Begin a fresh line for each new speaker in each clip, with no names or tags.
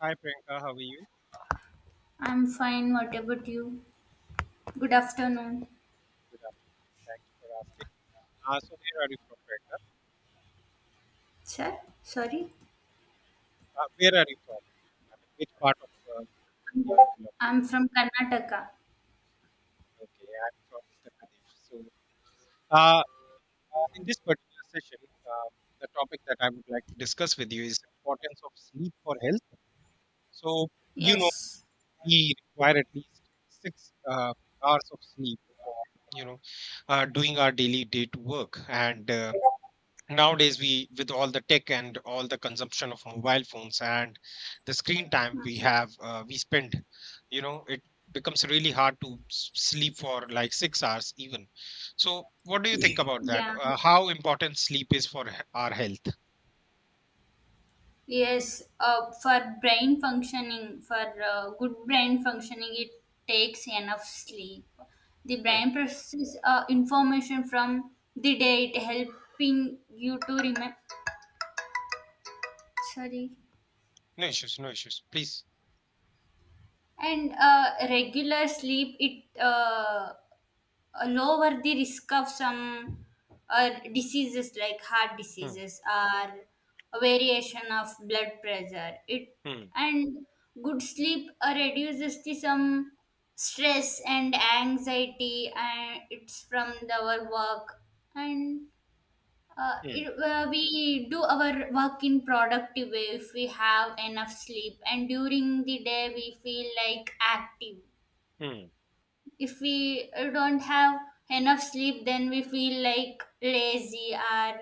Hi Priyanka, how are you?
I'm fine. What about you? Good afternoon,
Good afternoon. Thank you for asking. So where are you from, Priyanka?
sir. Sorry,
Where are you from? I mean, which part of India you belong
I'm from Karnataka.
to? Okay, I'm from Uttar Pradesh. So uh, in this particular session, the topic that I would like to discuss with you is importance of sleep for health. So you know,
Yes.
we require at least six hours of sleep for you know doing our daily day to work. And. Nowadays we, with all the tech and all the consumption of mobile phones and the screen time we
Mhm.
have, we spend, you know, it becomes really hard to sleep for like 6 hours even. So what do you think about that,
Yeah.
how important sleep is for our health?
Yes. For brain functioning, for good brain functioning, it takes enough sleep. The
Hmm.
brain processes information from the day, it helping you to remember. Sorry.
No issues, no issues, please.
And regular sleep, it lower the risk of some diseases like heart
Hmm.
diseases or a variation of blood pressure it
Hmm.
and good sleep reduces the some stress and anxiety and it's from the, our work and
Hmm.
we do our work in productive way if we have enough sleep, and during the day we feel like active.
Hmm.
If we don't have enough sleep, then we feel like lazy, or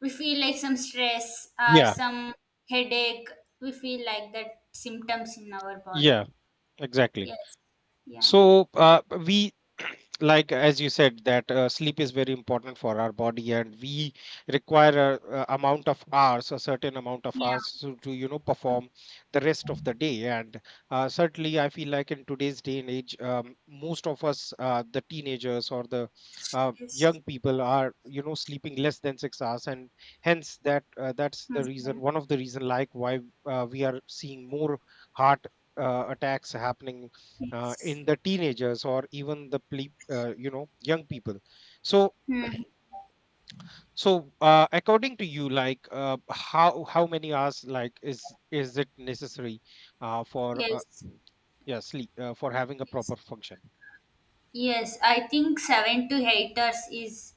we feel like some stress or
Yeah,
some headache. We feel like that symptoms in our body.
yeah, exactly.
Yes. Yeah.
So we, like as you said that, sleep is very important for our body, and we require a amount of hours, a certain amount of hours,
Yeah.
to you know perform the rest of the day. And certainly I feel like in today's day and age, most of us, the teenagers or the
Yes.
young people, are you know sleeping less than 6 hours, and hence that's the
Mhm.
reason, one of the reason like why we are seeing more heart attacks happening
Yes.
in the teenagers or even the you know young people. So
Hmm.
so according to you, like how many hours like is it necessary for
Yes.
yeah, sleep for having a
Yes.
proper function?
Yes, I think 7 to 8 hours is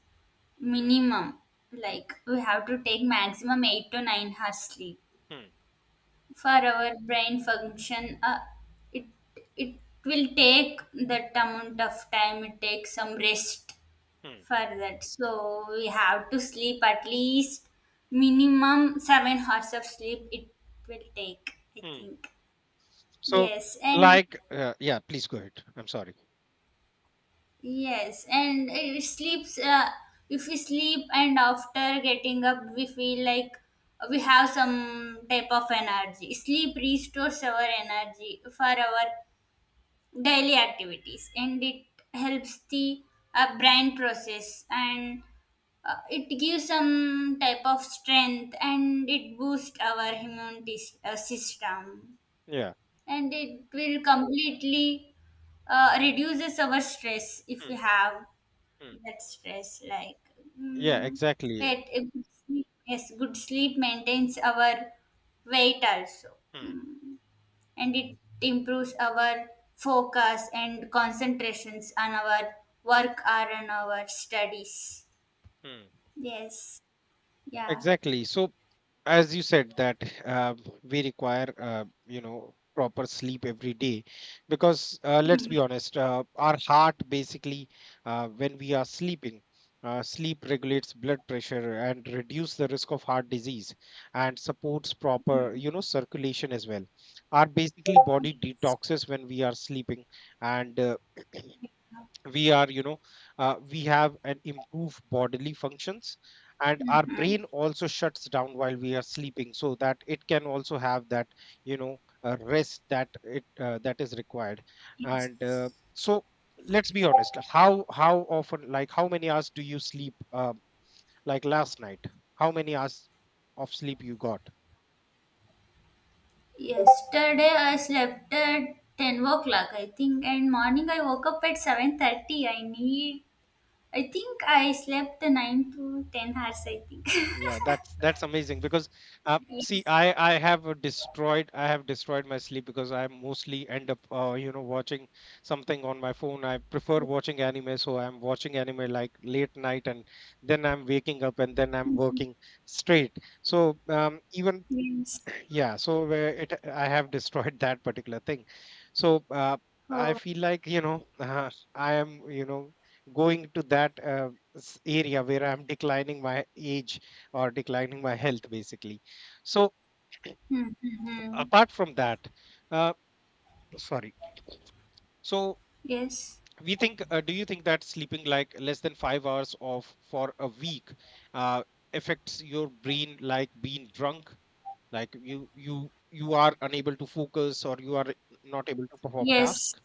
minimum.
Hmm,
Like, we have to take maximum 8 to 9 hours sleep.
hmm,
For our brain function, it it will take that amount of time, it takes some rest
hmm, hmm,
for that, so we have to sleep at least minimum 7 hours of sleep it will take, I
hmm.
think.
So
Yes. And
like yeah, please go ahead, I'm sorry.
yes, and it sleeps, if we sleep, and after getting up we feel like we have some type of energy. Sleep restores our energy for our daily activities, and it helps the brain process, and it gives some type of strength, and it boosts our immune system,
Yeah.
and it will completely reduces our stress if we
Hmm,
have
hmm.
that stress,
Yeah,
mm,
exactly.
it, yes, good sleep maintains our weight also.
Hmm,
Mm and it improves our focus and concentrations on our work or on our studies.
hmm.
Yes. Yeah.
Exactly. So as you said that, we require, you know, proper sleep every day, because let's
Mhm.
be honest, our heart basically, when we are sleeping, sleep regulates blood pressure and reduce the risk of heart disease, and supports proper you know circulation as well. Our basically body detoxes when we are sleeping, and we are you know, we have an improved bodily functions, and our
Mhm.
brain also shuts down while we are sleeping, so that it can also have that you know rest that it that is required.
Yes.
And uh, so let's be honest, how often, like how many hours do you sleep, like last night? How many hours of sleep you got?
Yesterday I slept at 10 o'clock, I think, and morning I woke up at 7:30. I need, I think I slept 9 to 10 hours, I think.
Yeah, that's amazing, because see,
Yes.
I have destroyed I have destroyed my sleep, because I mostly end up, you know, watching something on my phone. I prefer watching anime, so I'm watching anime like late night, and then I'm waking up and then I'm
Mhm.
working straight. So even,
Yes.
yeah, so where it I have destroyed that particular thing. So I
Oh.
feel like you know I am you know going to that area where I'm declining my age, or declining my health basically. So
Mm-hmm.
apart from that, uh, sorry. So
Yes.
we think do you think that sleeping like less than 5 hours of for a week uh, affects your brain like being drunk? Like you are unable to focus, or you are not able to perform
Yes.
task?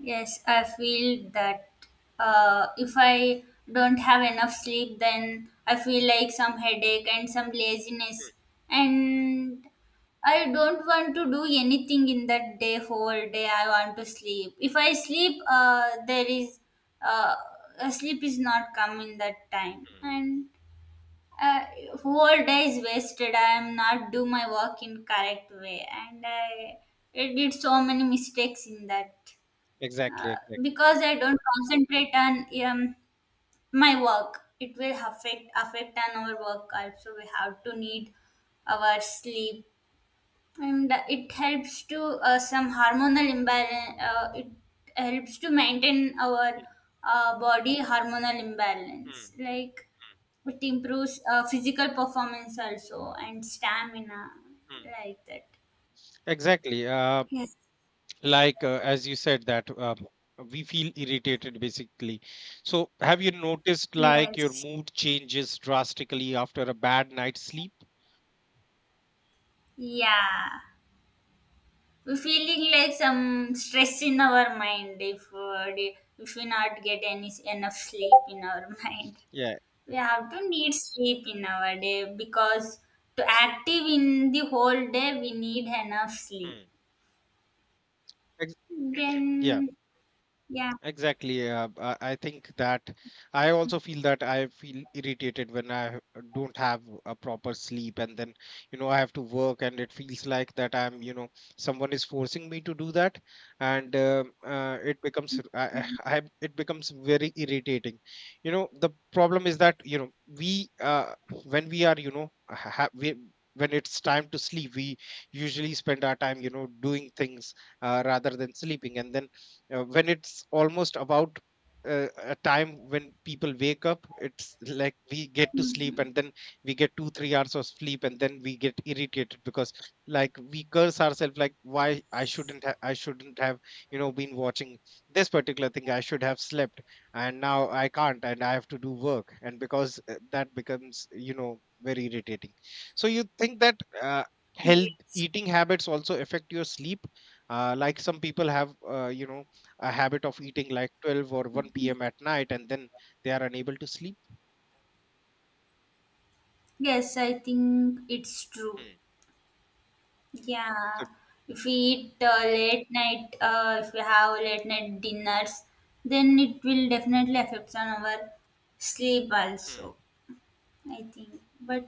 Yes, I feel that if I don't have enough sleep, then I feel like some headache and some laziness, and I don't want to do anything in that day, whole day. I want to sleep. If I sleep, there is uh, sleep is not coming that time,
Hmm.
and uh, whole day is wasted. I am not do my work in correct way, and I did so many mistakes in that,
Exactly, exactly.
because I don't concentrate on my work. It will affect on our work also. We have to need our sleep, and it helps to some hormonal imbalance. It helps to maintain our body hormonal imbalance.
Mm-hmm.
Like,
Hmm.
it improves physical performance also, and stamina
Hmm.
like that.
Exactly.
Yes.
Like as you said that, we feel irritated basically. So have you noticed like your
Yes.
mood changes drastically after a bad night's sleep?
Yeah. We feeling like some stress in our mind, if if we not get any enough sleep in our mind.
Yeah.
We have to need sleep in our day because to active in the whole day we need enough sleep,
Hmm. ex- yeah.
then. Yeah.
Exactly. I think that I also feel that I feel irritated when I don't have a proper sleep, and then you know I have to work, and it feels like that I'm you know someone is forcing me to do that, and it becomes I it becomes very irritating. You know the problem is that you know we when we are you know when it's time to sleep, we usually spend our time you know doing things rather than sleeping, and then when it's almost about a time when people wake up, it's like we get to sleep
Mm-hmm.
and then we get two three hours of sleep, and then we get irritated because like we curse ourselves like, why I shouldn't have you know been watching this particular thing, I should have slept, and now I can't, and I have to do work. And because that becomes you know very irritating. So you think that uh, health
Yes.
eating habits also affect your sleep? Like some people have, you know, a habit of eating like 12 or 1 p.m. at night, and then they are unable to sleep.
Yes, I think it's true.
Hmm.
Yeah,
So,
if we eat late night, if we have late night dinners, then it will definitely affect on our sleep
hmm,
also, I think. But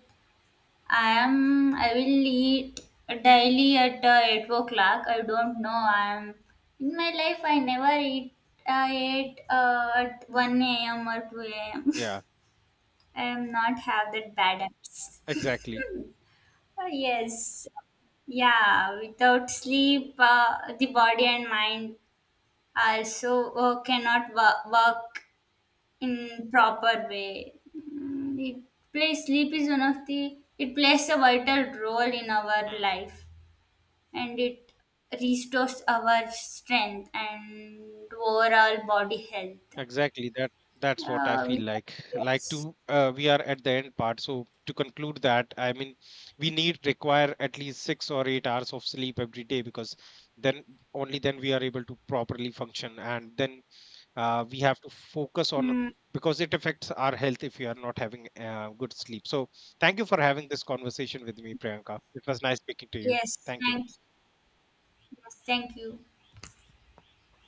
I will eat daily at 8 o'clock. I don't know. I am in my life. I never eat ate at one a.m. or two a.m.
yeah,
I am not have that bad habits.
exactly.
Yes. Yeah, without sleep, the body and mind also cannot
Hmm.
work in proper way. It plays, sleep is one of the, it plays a vital role in our
Hmm.
life, and it restores our strength and overall body health.
Exactly. That, that's what I
Uh,
feel
with,
like. Like
yes.
to we are at the end part. So to conclude that, I mean, we need require at least 6 or 8 hours of sleep every day, because then, only then we are able to properly function, and then we have to focus on,
Mm,
because it affects our health if you are not having good sleep. So thank you for having this conversation with me, Priyanka. It was nice speaking to you.
yes.
Thank you.
Thank you. Yes, thank you.